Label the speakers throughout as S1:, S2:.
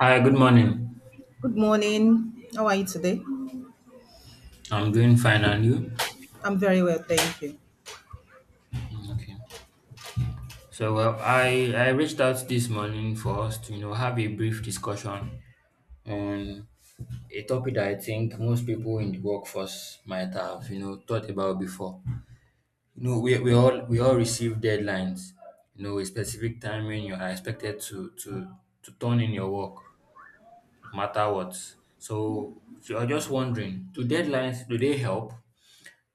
S1: Hi, good morning.
S2: Good morning. How are you today?
S1: I'm doing fine, and you?
S2: I'm very well, thank you.
S1: Okay. So, well, I reached out this morning for us to have a brief discussion on a topic that I think most people in the workforce might have thought about before. You know, we all receive deadlines. You know, a specific time when you are expected to to turn in your work, no matter what. So, you're just wondering, do deadlines, do they help?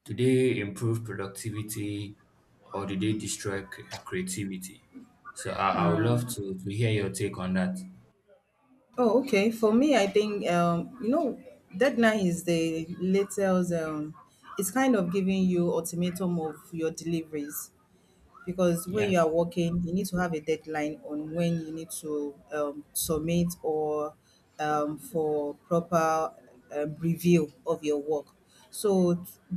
S1: Do they improve productivity or do they destroy creativity? So I would love to hear your take on that.
S2: Oh, okay. For me, I think you know, deadline is the latest it's kind of giving you ultimatum of your deliveries. Because when
S1: Yeah.
S2: you are working you need to have a deadline on when you need to submit or for proper review of your work, so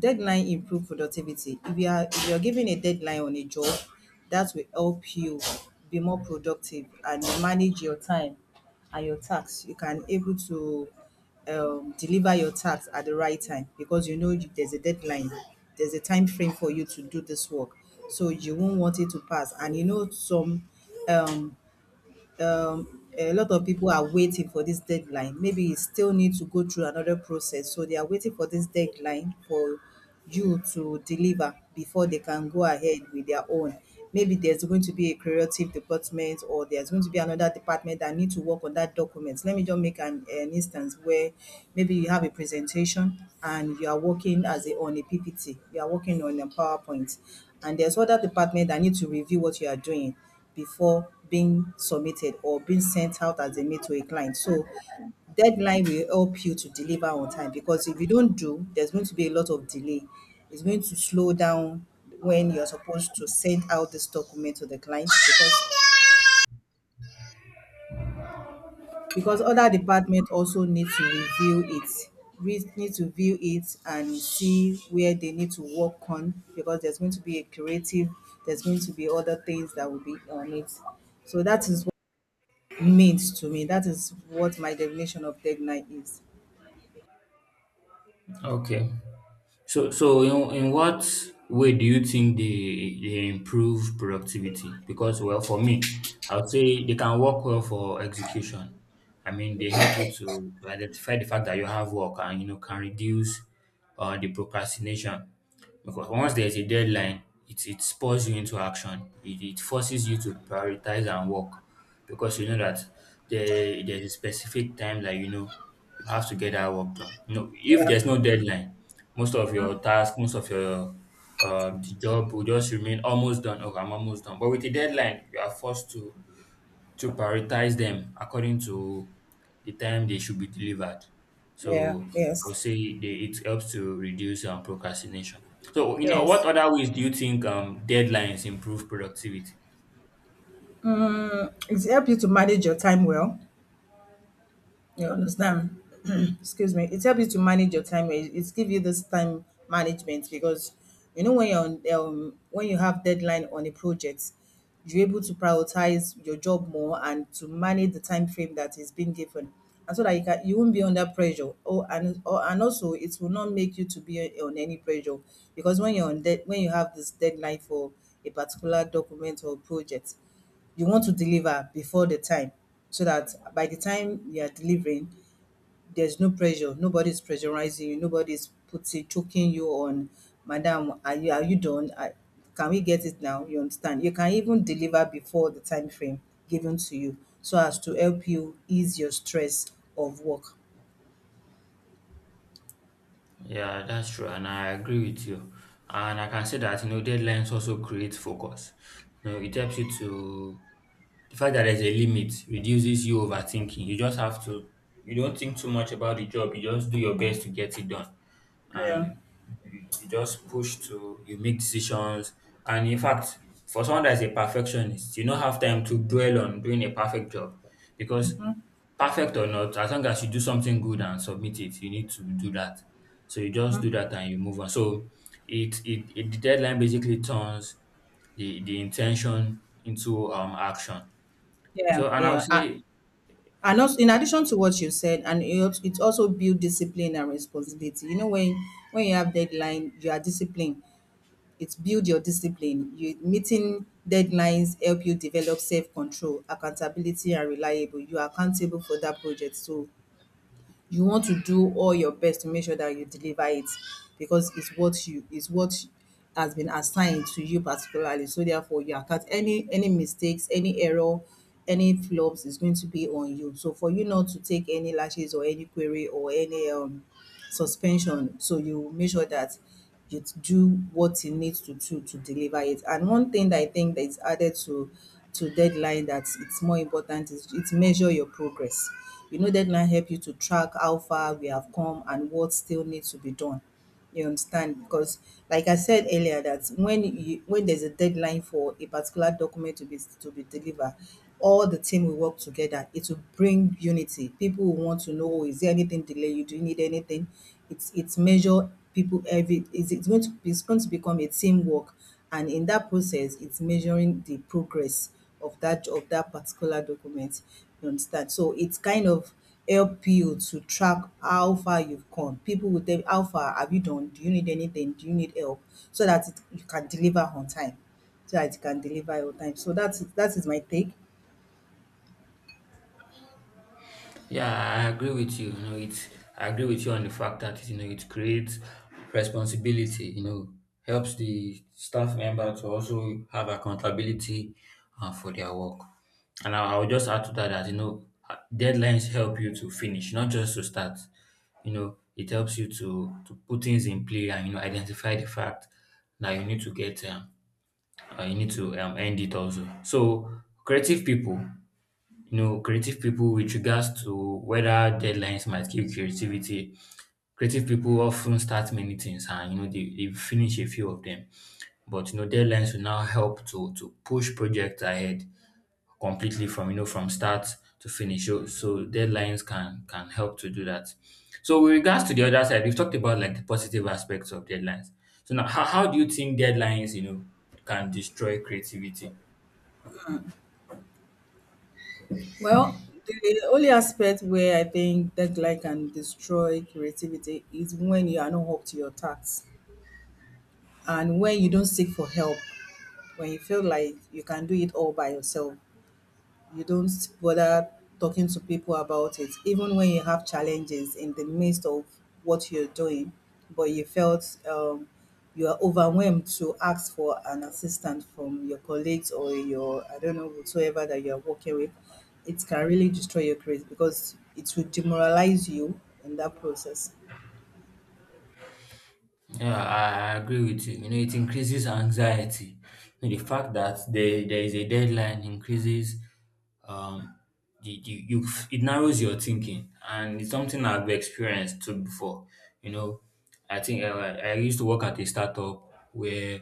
S2: deadline improve productivity. If you are if you are given a deadline on a job, that will help you be more productive and manage your time and your tasks. You can able to deliver your task at the right time, because you know you- there's a deadline, there's a time frame for you to do this work. So you won't want it to pass. And you know some um, um, a lot of people are waiting for this deadline. Maybe you still need to go through another process. So they are waiting for this deadline for you to deliver before they can go ahead with their own. Maybe there's going to be a creative department, or there's going to be another department that need to work on that document. Let me just make an instance where maybe you have a presentation and you are working as on a PPT, you are working on a PowerPoint, and there's other department that need to review what you are doing before being submitted or being sent out as a mail to a client. So deadline will help you to deliver on time, because if you don't do, there's going to be a lot of delay. It's going to slow down when you're supposed to send out this document to the client, because other department also need to review it. We need to view it and see where they need to work on, because there's going to be a creative, there's going to be other things that will be on it. So that is means to me. That is what my definition of deadline is.
S1: Okay. So so in what way do you think they improve productivity? Because well for me, I would say they can work well for execution. I mean they help you to identify the fact that you have work and you know can reduce the procrastination. Because once there's a deadline, it spurs you into action. It forces you to prioritize and work because you know that there's a specific time that you know you have to get that work done. You know, if there's no deadline, most of your tasks, most of your the job will just remain almost done. Okay, I'm almost done. But with the deadline, you are forced to prioritize them according to the time they should be delivered.
S2: Yeah,
S1: So I
S2: yes.
S1: would say they, it helps to reduce procrastination. So, you know, what
S2: Yes.
S1: other ways do you think deadlines improve productivity?
S2: It helps you to manage your time well. You understand? Excuse me. It helps you to manage your time. It's give you this time management, because you know when you're on, when you have deadline on a project, you're able to prioritize your job more and to manage the time frame that is being given, and so that you can you won't be under pressure. Oh, and or, and also it will not make you to be on any pressure, because when you're when you have this deadline for a particular document or project, you want to deliver before the time, so that by the time you are delivering there's no pressure, nobody's pressurizing you, nobody's putting choking you on, madam are you done, can we get it now. You understand, you can even deliver before the time frame given to you, so as to help you ease your stress of work.
S1: Yeah, that's true, and I agree with you. And I can say that you know deadlines also create focus. You know, it helps you to the fact that there's a limit reduces you overthinking. You just have to you don't think too much about the job. You just do your best to get it done,
S2: Yeah.
S1: and you just push to you make decisions. And in fact, for someone that is a perfectionist, you don't have time to dwell on doing a perfect job because perfect or not, as long as you do something good and submit it, you need to do that. So you just do that and you move on. So it the deadline basically turns the intention into action.
S2: yeah,
S1: So and I'll
S2: yeah. I,
S1: say
S2: and also, in addition to what you said, it also build discipline and responsibility. You know, when you have deadline, you are disciplined. It's build your discipline. You meeting deadlines help you develop self-control, accountability and reliable. You are accountable for that project. So you want to do all your best to make sure that you deliver it, because it's what you is what has been assigned to you particularly. So therefore you are account, any mistakes, any error, any flops is going to be on you. So for you not to take any lashes or any query or any suspension. So you make sure that it do what it needs to do to deliver it. And one thing that I think that is added to deadline that it's more important is it measure your progress. You know, deadline help you to track how far we have come and what still needs to be done. You understand? Because like I said earlier, that when you when there's a deadline for a particular document to be delivered, all the team will work together. It will bring unity. People will want to know, oh, is there anything delay you? Do you need anything? It's measure people, eh, if it is it's going to be? It's going to become a teamwork, and in that process it's measuring the progress of that particular document. You understand, so it's kind of help you to track how far you've come. People will tell you how far have you done, do you need anything, do you need help, so that you can deliver on time, so that you can deliver on time. So that's that is my take.
S1: yeah, I agree with you. You know, it's I agree with you on the fact that you know it creates responsibility. You know, helps the staff member to also have accountability for their work. And I would just add to that that you know deadlines help you to finish, not just to start. You know, it helps you to put things in play and you know identify the fact that you need to get you need to end it also. So creative people you know, creative people with regards to whether deadlines might kill creativity. Creative people often start many things and you know they finish a few of them. But you know, deadlines will now help to push projects ahead completely from you know from start to finish. So, so deadlines can help to do that. So with regards to the other side, we've talked about like the positive aspects of deadlines. So now how do you think deadlines, you know, can destroy creativity?
S2: Well, the only aspect where I think deadline can destroy creativity is when you are not up to your tasks, and when you don't seek for help, when you feel like you can do it all by yourself. You don't bother talking to people about it, even when you have challenges in the midst of what you're doing. But you felt you are overwhelmed to ask for an assistant from your colleagues or your, I don't know, whatsoever that you are working with. It can really destroy your career, because it will demoralize you in that process.
S1: Yeah, I agree with you. You know, it increases anxiety. You know, the fact that there is a deadline increases um the you it narrows your thinking and it's something I've experienced too before. You know, I think uh, I used to work at a startup where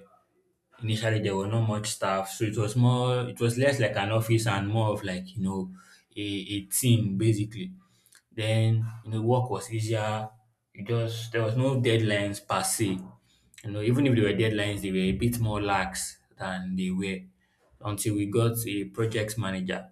S1: initially there were not much staff, so it was more it was less like an office and more of like you know a team basically. Then, you know, work was easier. You just there was no deadlines per se. You know, even if there were deadlines, they were a bit more lax than they were until we got a project manager.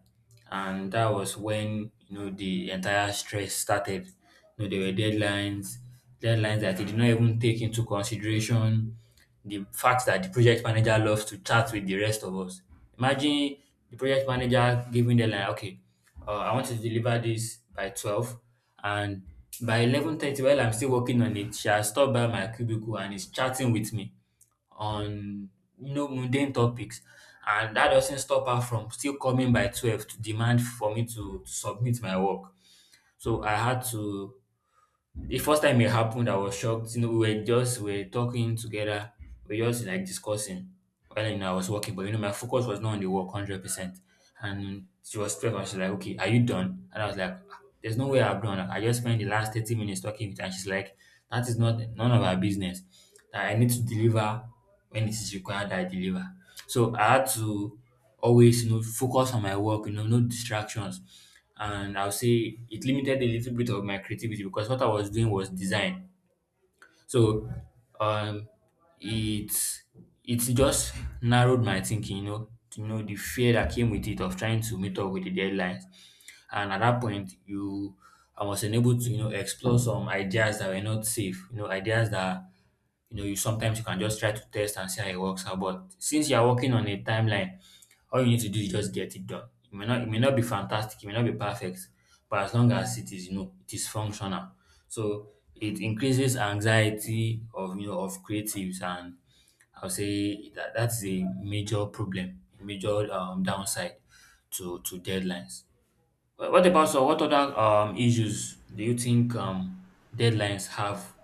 S1: And that was when, you know, the entire stress started. You know, there were deadlines, deadlines that they did not even take into consideration the fact that the project manager loves to chat with the rest of us. Imagine the project manager giving the line, okay, I want you to deliver this by 12 and by 11:30 while I'm still working on it, she has stopped by my cubicle and is chatting with me on, you know, mundane topics. And that doesn't stop her from still coming by 12 to demand for me to submit my work. So I had to the first time it happened, I was shocked. You know, we were just we were talking together, we were just like discussing. Well, you know, I was working, but you know, my focus was not on the work 100%. And she was stressed and she's like, okay, are you done? And I was like, "Ah, there's no way I'm done. Like, I just spent the last 30 minutes talking with her. And she's like, that is not none of our business. That I need to deliver when it is required that I deliver. So I had to always, you know, focus on my work, you know, no distractions. And I'll say it limited a little bit of my creativity because what I was doing was design. So um it's it's just narrowed my thinking, you know, the fear that came with it of trying to meet up with the deadlines. And at that point, you I was unable to, you know, explore some ideas that were not safe, you know, ideas that you know you sometimes you can just try to test and see how it works out. But since you are working on a timeline, all you need to do is just get it done. It may not be fantastic, it may not be perfect, but as long as it is, you know, it is functional. So it increases anxiety of you know of creatives and I'll say that that's a major problem, a major downside to deadlines. What about so what other issues do you think deadlines have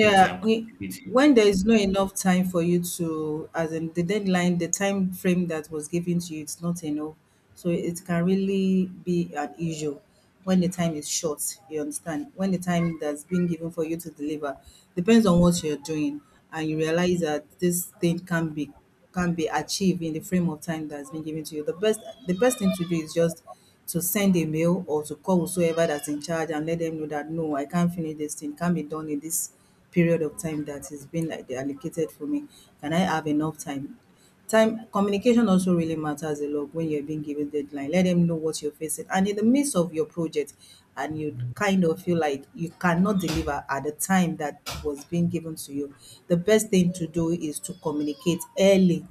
S1: with
S2: we,
S1: creativity?
S2: when there is not enough time for you to, as in the deadline, the time frame that was given to you, it's not enough. So it can really be an issue when the time is short. You understand? When the time that's been given for you to deliver depends on what you're doing, and you realize that this thing can be achieved in the frame of time that's been given to you. The best thing to do is just to send a mail or to call whosoever that's in charge and let them know that no, I can't finish this thing, can't be done in this period of time that has been like allocated for me. Can I have enough time? Time communication also really matters a lot when you're being given deadline. Let them know what you're facing. And in the midst of your project, and you kind of feel like you cannot deliver at the time that was being given to you, the best thing to do is to communicate early,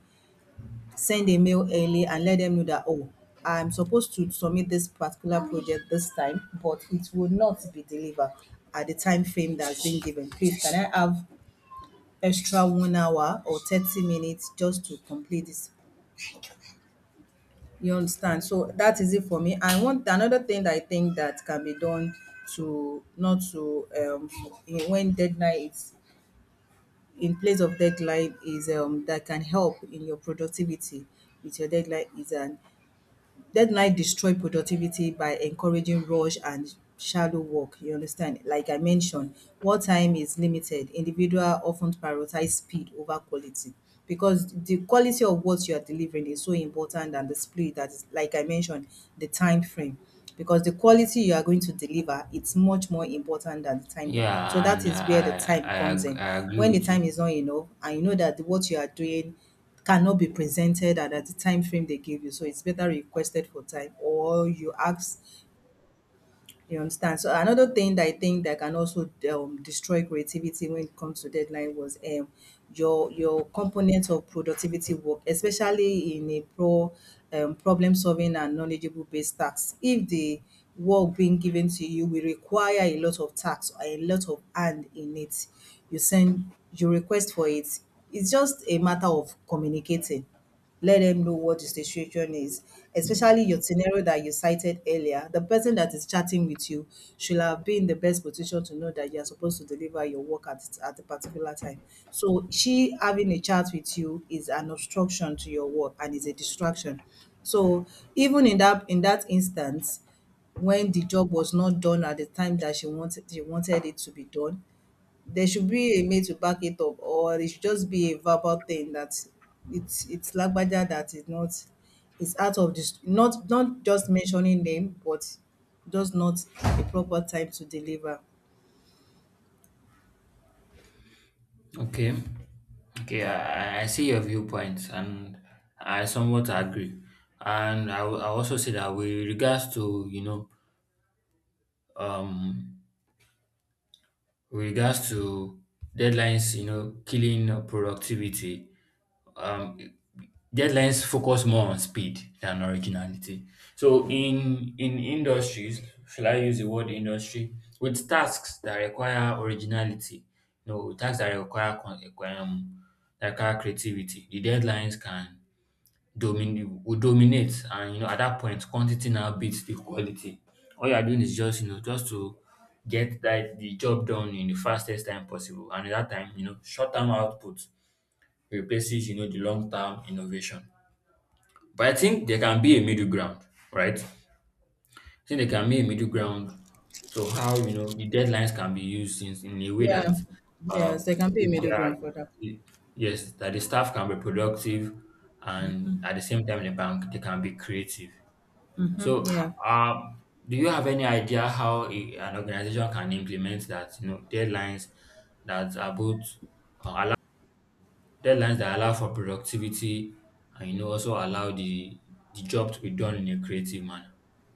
S2: send a mail early and let them know that, oh, I'm supposed to submit this particular project this time, but it will not be delivered at the time frame that's been given. Please, can I have extra 1 hour or 30 minutes just to complete this? You understand, so that is it for me. I want another thing that I think that can be done to not to when deadline is in place of deadline is that can help in your productivity with your deadline is an. Deadline destroy productivity by encouraging rush and shallow work, you understand? Like I mentioned, work time is limited. Individual often prioritize speed over quality, because the quality of what you are delivering is so important, and the speed that is, like I mentioned, the time frame. Because the quality you are going to deliver, it's much more important than the time that. So
S1: Yeah,
S2: that
S1: and
S2: is where the time comes in.
S1: I agree
S2: When the
S1: with you.
S2: time is not enough, and you know that what you are doing cannot be presented at the time frame they give you. So it's better requested for time or you ask, you understand. So another thing that I think that can also destroy creativity when it comes to deadline was your component of productivity work, especially in a problem solving and knowledgeable based tasks. If the work being given to you will require a lot of tax or a lot of hand in it, you request for it. It's just a matter of communicating, let them know what the situation is, especially your scenario that you cited earlier. The person that is chatting with you should have been in the best position to know that you're supposed to deliver your work at a particular time. So she having a chat with you is an obstruction to your work and is a distraction. So even in that instance, when the job was not done at the time that she wanted it to be done, there should be a mail to back it up, or it should just be a verbal thing that it's lagbaja that is not, it's out of this, not just mentioning name, but just not a proper time to deliver.
S1: Okay. Okay, I see your viewpoints and I somewhat agree. And I will I also say that with regards to, you know, um, with regards to deadlines, you know, killing productivity, um, deadlines focus more on speed than originality. So in industries, shall I use the word industry? With tasks that require originality, you know, with tasks that require um, that require creativity, the deadlines can domin will dominate, and you know at that point, quantity now beats the quality. All you are doing is just you know just to get that the job done in the fastest time possible, and at that time, you know, short term output replaces you know the long-term innovation. But I think there can be a middle ground, right? I think there can be a middle ground to how you know the deadlines can be used in a way
S2: Yeah,
S1: that uh,
S2: yes, there can be a middle
S1: there are,
S2: ground for that.
S1: yes, that the staff can be productive and at the same time the bank they can be creative. So,
S2: Yeah.
S1: uh, do you have any idea how a, an organization can implement that you know deadlines that are both uh, deadlines that allow for productivity and, you know, also allow the job to be done in a creative manner.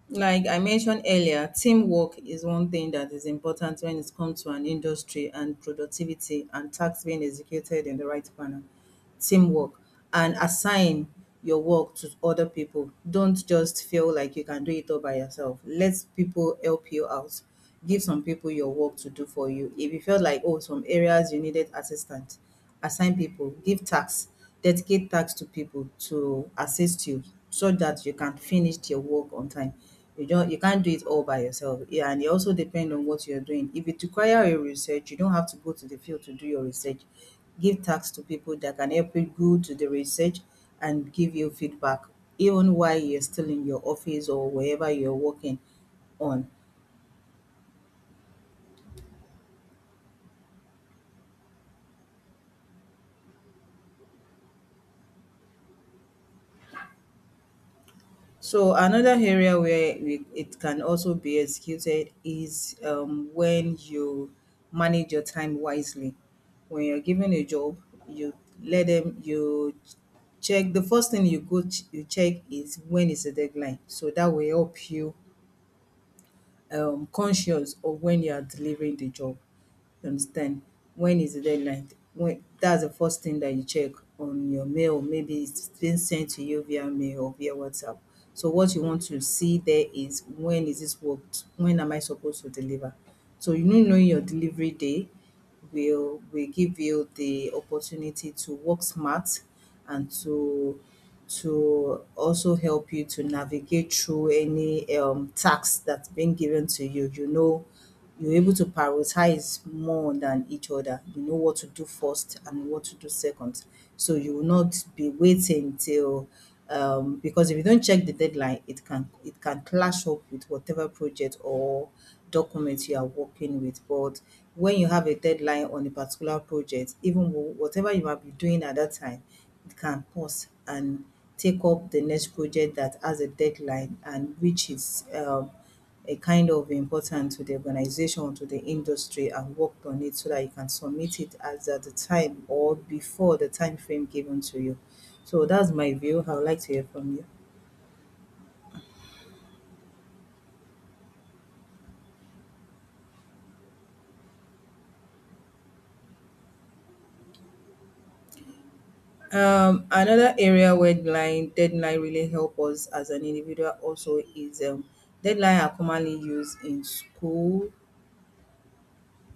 S2: Like I mentioned earlier, teamwork is one thing that is important when it comes to an industry and productivity and tasks being executed in the right manner. Teamwork, and assign your work to other people. Don't just feel like you can do it all by yourself. Let people help you out. Give some people your work to do for you. If you felt like, oh, some areas you needed assistance, assign people, give tasks, dedicate tasks to people to assist you so that you can finish your work on time. You don't, you can't do it all by yourself, yeah. And it also depend on what you're doing. If it require a research, you don't have to go to the field to do your research. Give tasks to people that can help you go to the research and give you feedback even while you're still in your office or wherever you're working on. So another area where we, it can also be executed is when you manage your time wisely. When you're given a job, you let them, you check, the first thing you you check is, when is the deadline? So that will help you conscious of when you are delivering the job. You understand? When is the deadline? When, that's the first thing that you check on your mail. Maybe it's been sent to you via mail or via WhatsApp. So what you want to see there is, when is this worked? When am I supposed to deliver? So, you know, knowing your delivery day will give you the opportunity to work smart and to also help you to navigate through any task that's been given to you. You know, you're able to prioritize more than each other. You know what to do first and what to do second. So you will not be waiting till because if you don't check the deadline, it can clash up with whatever project or document you are working with. But when you have a deadline on a particular project, even whatever you might be doing at that time, it can pause and take up the next project that has a deadline and which is a kind of important to the organization, to the industry, and worked on it so that you can submit it as at the time or before the time frame given to you. So that's my view. I would like to hear from you. Another area where deadline really help us as an individual also is deadline are commonly used in school,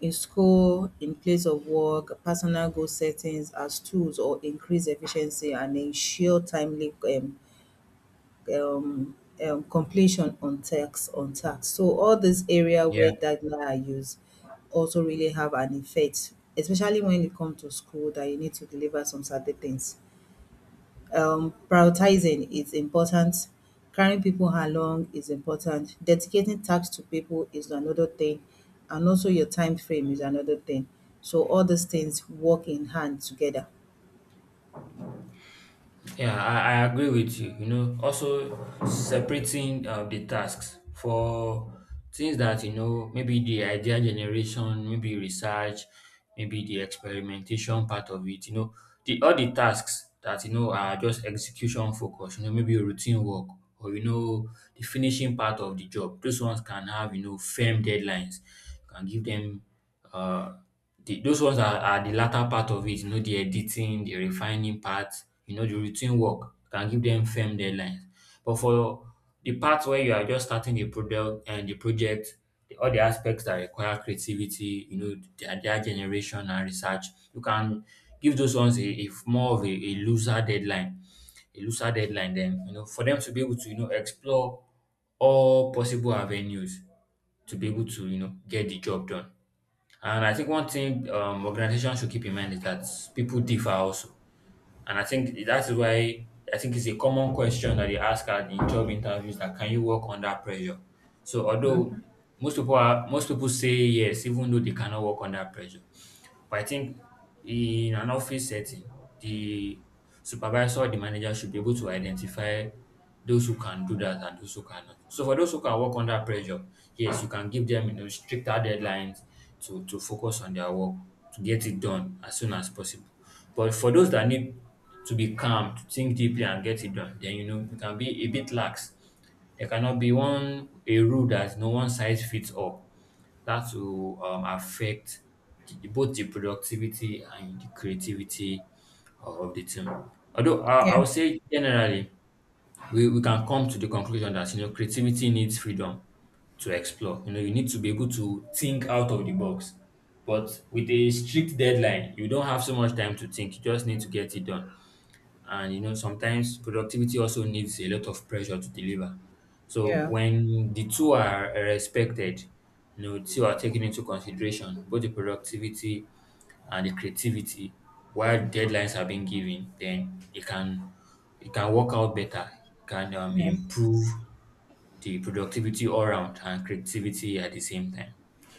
S2: in school, in place of work, personal goal settings as tools or increase efficiency and ensure timely um, completion on tax. So all this area
S1: Yeah.
S2: where guideline are used also really have an effect, especially when it comes to school that you need to deliver some certain things. Prioritizing is important. Carrying people along is important. Dedicating tasks to people is another thing, and also your time frame is another thing. So all these things work in hand together.
S1: Yeah, I agree with you. You know, also separating the tasks for things that, you know, maybe the idea generation, maybe research, maybe the experimentation part of it, you know, the all the tasks that, you know, are just execution focus, you know, maybe routine work or, you know, the finishing part of the job. Those ones can have, you know, firm deadlines. You can give them uh the, those ones are the latter part of it, you know, the editing, the refining part, you know, the routine work can give them firm deadlines. But for the part where you are just starting the product and the project, the, all the aspects that require creativity, you know, the idea generation and research, you can give those ones a more of a looser deadline, a looser deadline. Then you know, for them to be able to you know explore all possible avenues to be able to you know get the job done. And I think one thing organizations should keep in mind is that people differ also. And I think that is why I think it's a common question that they ask at in job interviews that can you work under pressure? So although most people say yes, even though they cannot work under pressure. But I think in an office setting, the supervisor or the manager should be able to identify those who can do that and those who cannot. So for those who can work under pressure, yes, you can give them you know stricter deadlines to focus on their work, to get it done as soon as possible. But for those that need to be calm, to think deeply and get it done, then you know you can be a bit lax. There cannot be one a rule that no one size fits all that will affect both the productivity and the creativity of the team. Although I
S2: Yeah,
S1: would say generally, we can come to the conclusion that you know creativity needs freedom to explore. You know, you need to be able to think out of the box. But with a strict deadline, you don't have so much time to think. You just need to get it done. And you know, sometimes productivity also needs a lot of pressure to deliver. So
S2: yeah,
S1: when the two are respected, you know, two are taken into consideration, both the productivity and the creativity, while deadlines are being given, then it can work out better, it can
S2: yeah.
S1: improve the productivity all around and creativity at the same time.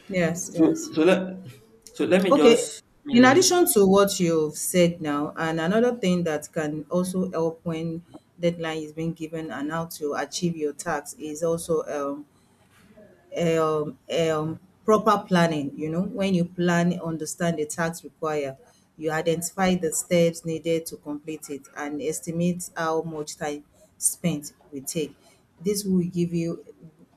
S2: Yes,
S1: So
S2: yes.
S1: so let me
S2: Okay.
S1: just
S2: In addition to what you've said now, and another thing that can also help when deadline is being given and how to achieve your tax is also eh, um, eh, um, proper planning. You know, when you plan, understand the tax required, you identify the steps needed to complete it and estimate how much time spent will take. This will give you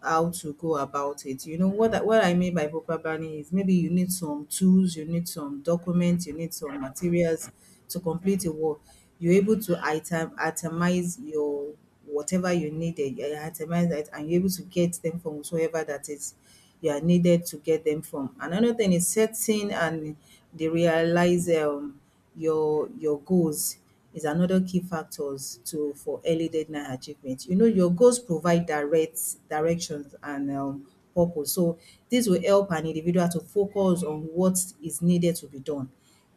S2: how to go about it. You know what I mean by proper planning is, maybe you need some tools, you need some documents, you need some materials to complete a work. You're able to itemize your whatever you needed, you itemize that and you're able to get them from whoever that is you are needed to get them from. Another thing is setting and they realize your goals is another key factors to for early deadline achievement. You know, your goals provide directions and purpose. So this will help an individual to focus on what is needed to be done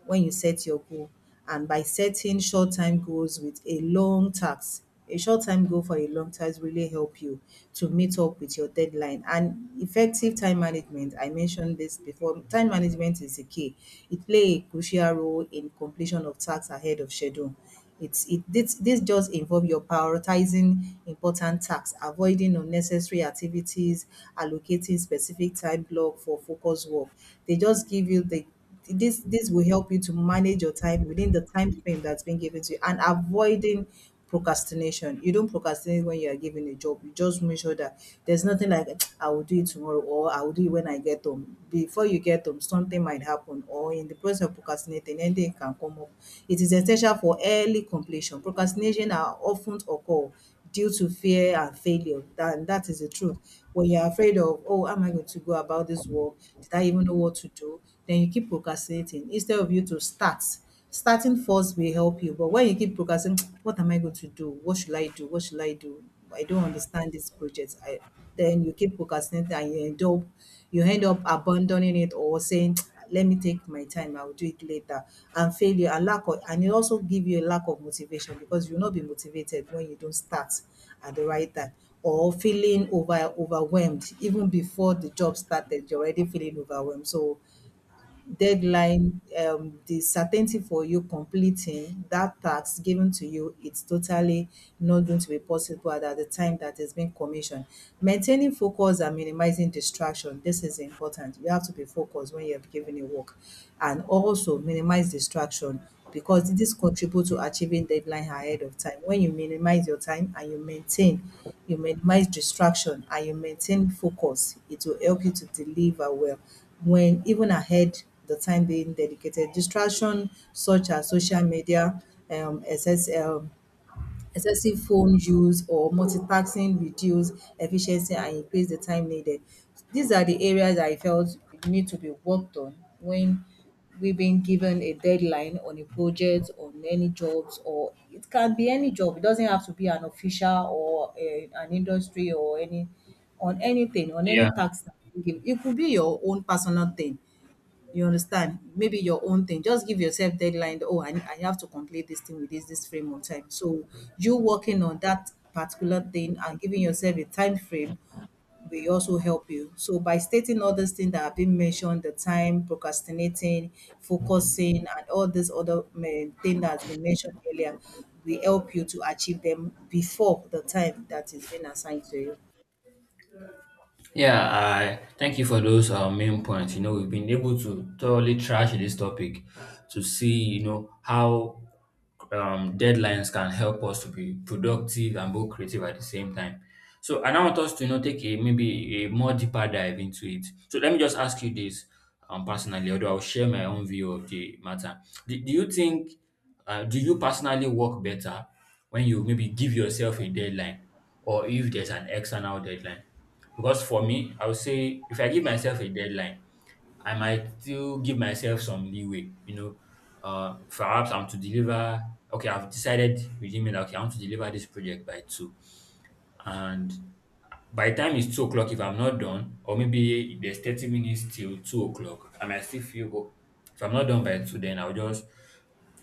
S2: when you set your goal. And by setting short time goals with a long task, a short time goal for a long task really help you to meet up with your deadline. And effective time management, I mentioned this before, time management is the key. It play a crucial role in completion of tasks ahead of schedule. This just involve your prioritizing important tasks, avoiding unnecessary activities, allocating specific time block for focus work. They just give you the, this will help you to manage your time within the time frame that's been given to you, and avoiding procrastination. You don't procrastinate when you are given a job. You just make sure that there's nothing like, I will do it tomorrow, or I will do it when I get home. Before you get home, something might happen, or in the process of procrastinating, anything can come up. It is essential for early completion. Procrastination are often occur due to fear and failure. That, and that is the truth. When you're afraid of, oh, am I going to go about this work? Did I even know what to do? Then you keep procrastinating instead of you to start. Starting first will help you, but when you keep procrastinating, what am I going to do? What should I do? What should I do? I don't understand this project. I, then you keep procrastinating and you end up abandoning it, or saying let me take my time, I will do it later. And failure and lack of, and it also give you a lack of motivation, because you will not be motivated when you don't start at the right time, or feeling overwhelmed even before the job started, you're already feeling overwhelmed. So deadline, the certainty for you completing that task given to you, it's totally not going to be possible at the time that is being commissioned. Maintaining focus and minimizing distraction. This is important. You have to be focused when you have given a work, and also minimize distraction, because this contribute to achieving deadline ahead of time. When you minimize your time and you maintain, you minimize distraction and you maintain focus, it will help you to deliver well, when even ahead the time being dedicated. Distraction such as social media, um, excess um, excessive phone use or multitasking reduce efficiency and increase the time needed. These are the areas I felt need to be worked on when we've been given a deadline on a project, on any jobs, or it can be any job. It doesn't have to be an official or an industry or any, on anything, on
S1: Yeah.
S2: any tax that you give. It could be your own personal thing. You understand? Maybe your own thing. Just give yourself deadline. Oh, I have to complete this thing with this frame of time. So you working on that particular thing and giving yourself a time frame will also help you. So by stating all these things that have been mentioned, the time, procrastinating, focusing, and all this other thing that has been mentioned earlier, will help you to achieve them before the time that is being assigned to you.
S1: Yeah, I thank you for those main points. You know, we've been able to thoroughly trash this topic to see, you know, how deadlines can help us to be productive and both creative at the same time. So I now want us to, you know, take a maybe a more deeper dive into it. So let me just ask you this personally, although I'll share my own view of the matter. Do you think, do you personally work better when you maybe give yourself a deadline or if there's an external deadline? Because for me, I would say if I give myself a deadline, I might still give myself some leeway. You know, perhaps I'm to deliver. Okay, I've decided within me that okay, I want to deliver this project by two, and by the time it's 2 o'clock, if I'm not done, or maybe there's 30 minutes till 2 o'clock, I might still feel, oh, if I'm not done by two, then I'll just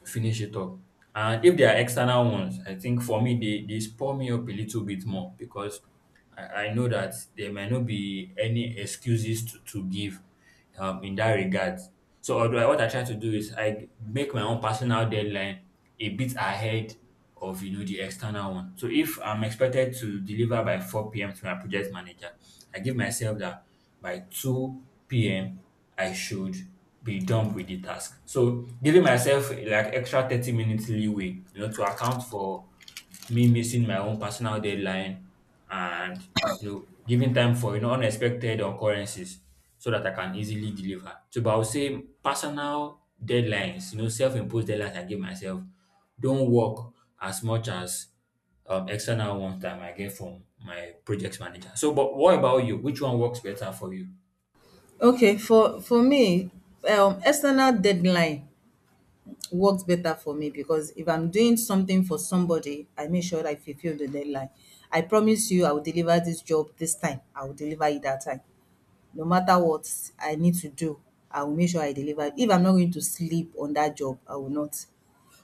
S1: finish it up. And if they are external ones, I think for me, they spur me up a little bit more because I know that there might not be any excuses to give in that regard. So what I try to do is I make my own personal deadline a bit ahead of you know the external one. So if I'm expected to deliver by 4 p.m. to my project manager, I give myself that by 2 p.m. I should be done with the task. So giving myself like extra 30 minutes leeway, you know, to account for me missing my own personal deadline and you know giving time for you know unexpected occurrences so that I can easily deliver. So but I would say personal deadlines, you know, self-imposed deadlines I give myself don't work as much as external ones that I might get from my project manager. So, but what about you? Which one works better for you?
S2: Okay, for me, external deadline works better for me, because if I'm doing something for somebody, I make sure I fulfill the deadline. I promise you I will deliver this job this time, I will deliver it that time. No matter what I need to do, I will make sure I deliver it. If I'm not going to sleep on that job, I will not.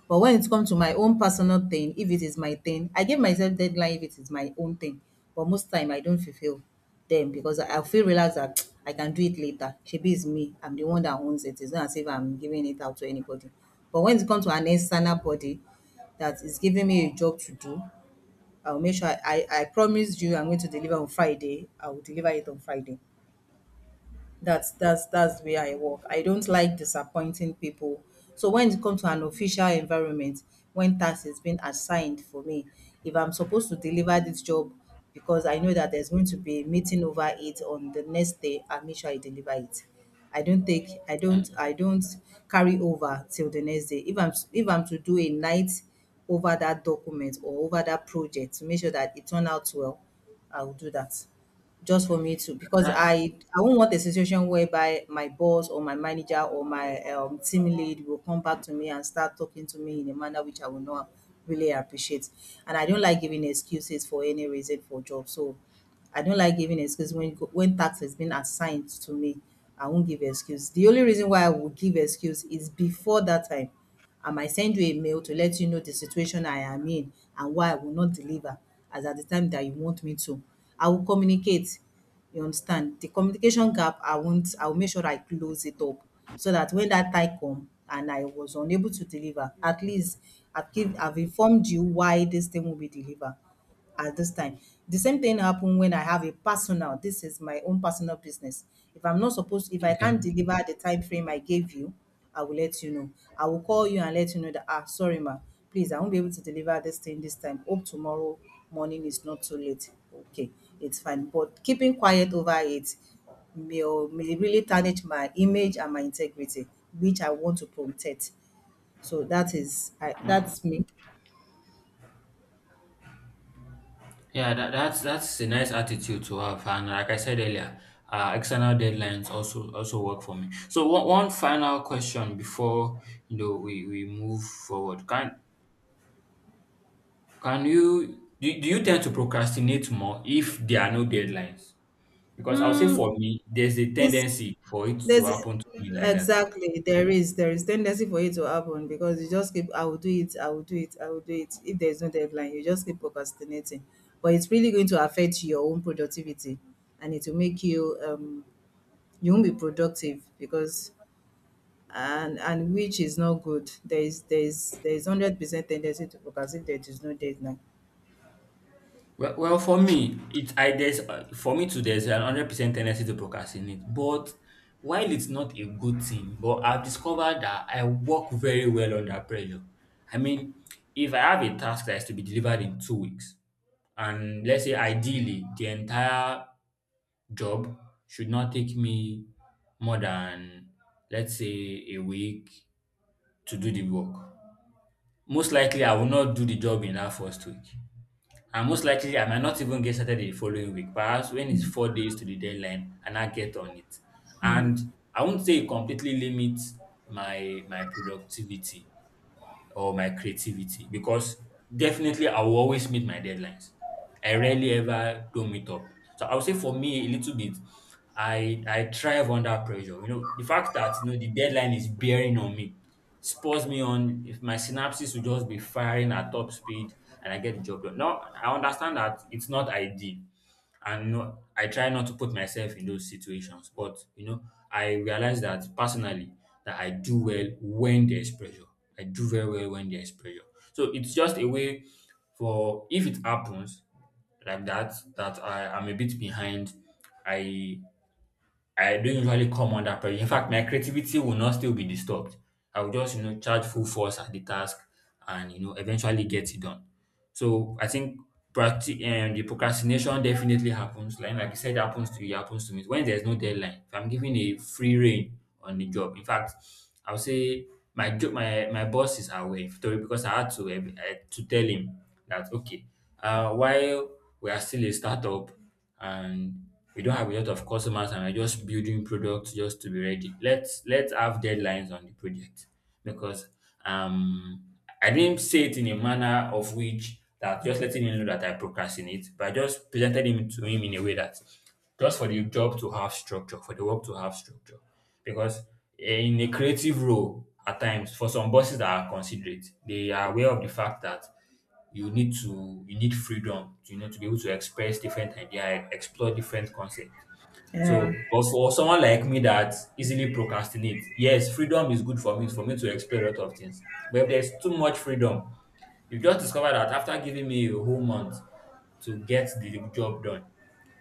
S2: But when it comes to my own personal thing, if it is my thing, I give myself deadline if it is my own thing. But most time I don't fulfill them, because I feel relaxed that I can do it later. Shebi is me. I'm the one that owns it. It's not as if I'm giving it out to anybody. But when it comes to an external body that is giving me a job to do, I'll make sure I promise you I'm going to deliver on Friday, I will deliver it on Friday. That's the way I work. I don't like disappointing people. So when it comes to an official environment, when task is being assigned for me, if I'm supposed to deliver this job because I know that there's going to be a meeting over it on the next day, I make sure I deliver it. I don't take I don't carry over till the next day. If I'm to do a night over that document or over that project to make sure that it turn out well, I will do that, just for me to, because
S1: That,
S2: I won't want a situation whereby my boss or my manager or my team lead will come back to me and start talking to me in a manner which I will not really appreciate. And I don't like giving excuses for any reason for job. So I don't like giving excuses when when tax has been assigned to me. I won't give excuse. The only reason why I will give excuse is, before that time I might send you a mail to let you know the situation I am in and why I will not deliver as at the time that you want me to. I will communicate. You understand? The communication gap, I won't, I will make sure I close it up, so that when that time come and I was unable to deliver, at least I've informed you why this thing will be delivered at this time. The same thing happen when I have a personal, this is my own personal business. If I can't
S1: okay.
S2: deliver the time frame I gave you, I will let you know. I will call you and let you know that, ah, sorry, ma, please, I won't be able to deliver this thing this time. Hope tomorrow morning is not too late. Okay, it's fine. But keeping quiet over it may really tarnish my image and my integrity, which I want to protect. So that is, that's me.
S1: Yeah, that's a nice attitude to have, and like I said earlier, external deadlines also also work for me. So, one final question before you know we move forward. Can you do you tend to procrastinate more if there are no deadlines? Because I'll say for
S2: Mm,
S1: me, there's a
S2: it's
S1: tendency for it to
S2: There's
S1: happen to me like that.
S2: exactly, there is tendency for it to happen, because you just keep, "I will do it, I will do it, I will do it." If there's no deadline, you just keep procrastinating. But it's really going to affect your own productivity, and it will make you you won't be productive, because and which is not good. There is 100% tendency to procrastinate if there is no deadline.
S1: Well, for me, it's I there's for me too. There's an 100% tendency to procrastinate, but while it's not a good thing, but I've discovered that I work very well under pressure. I mean, if I have a task that is to be delivered in 2 weeks, and let's say ideally the entire job should not take me more than let's say a week to do the work. Most likely, I will not do the job in that first week. And most likely, I might not even get started the following week, perhaps when it's 4 days to the deadline and I get on it. And I won't say it completely limits my productivity, or my creativity because definitely I will always meet my deadlines. I rarely ever don't meet up. So I would say for me a little bit, I thrive under pressure. You know, the fact that you know the deadline is bearing on me spurs me on if my synapses will just be firing at top speed and I get the job done. Now I understand that it's not ideal and you know I try not to put myself in those situations, but you know I realize that personally that I do well when there's pressure, I do very well when there's pressure. So it's just a way for if it happens like that, that I am a bit behind, i I don't usually come under pressure. In fact, my creativity will not still be disturbed. I will just, you know, charge full force at the task and, you know, eventually get it done. So I think the procrastination definitely happens. Like you said, it happens to you, it happens to me. When there's no deadline, if I'm given a free rein on the job, in fact, I would say my job, my boss is aware Victoria, because I had to, to tell him that, okay, while we are still a startup, and we don't have a lot of customers and we're just building products just to be ready. Let's have deadlines on the project because um I didn't say it in a manner of which that just letting him know that I procrastinate, but I just presented him to him in a way that just for the job to have structure, for the work to have structure. Because in a creative role, at times, for some bosses that are considerate, they are aware of the fact that you need freedom to, you know, to be able to express different idea, explore different concept.
S2: Yeah.
S1: So but for someone like me that easily procrastinate, yes, freedom is good for me, for me to explore a lot of things, but if there's too much freedom, you just discover that after giving me a whole month to get the job done,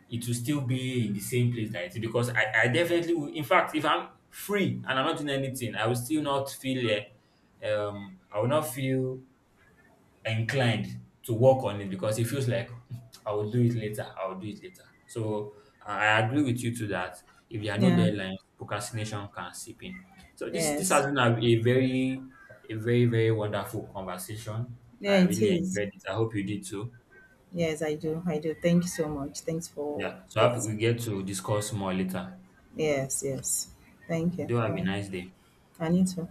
S1: it will still be in the same place that it is because I definitely will. In fact, if I'm free and I'm not doing anything, I will still not feel I will not feel inclined to work on it because it feels like "Hmm, I will do it later, I will do it later." So I agree with you to that. If there are no
S2: Yeah.
S1: deadlines, procrastination can seep in. So this
S2: Yes.
S1: has been a very, a very very wonderful conversation.
S2: Yeah,
S1: I
S2: it
S1: really
S2: is.
S1: enjoyed it. I hope you did too.
S2: Yes, I do. I do. Thank you so much. Thanks for
S1: Yeah. So I hope
S2: this.
S1: we get to discuss more later.
S2: Yes, yes. Thank you.
S1: Do have a
S2: Bye.
S1: nice day.
S2: I need to.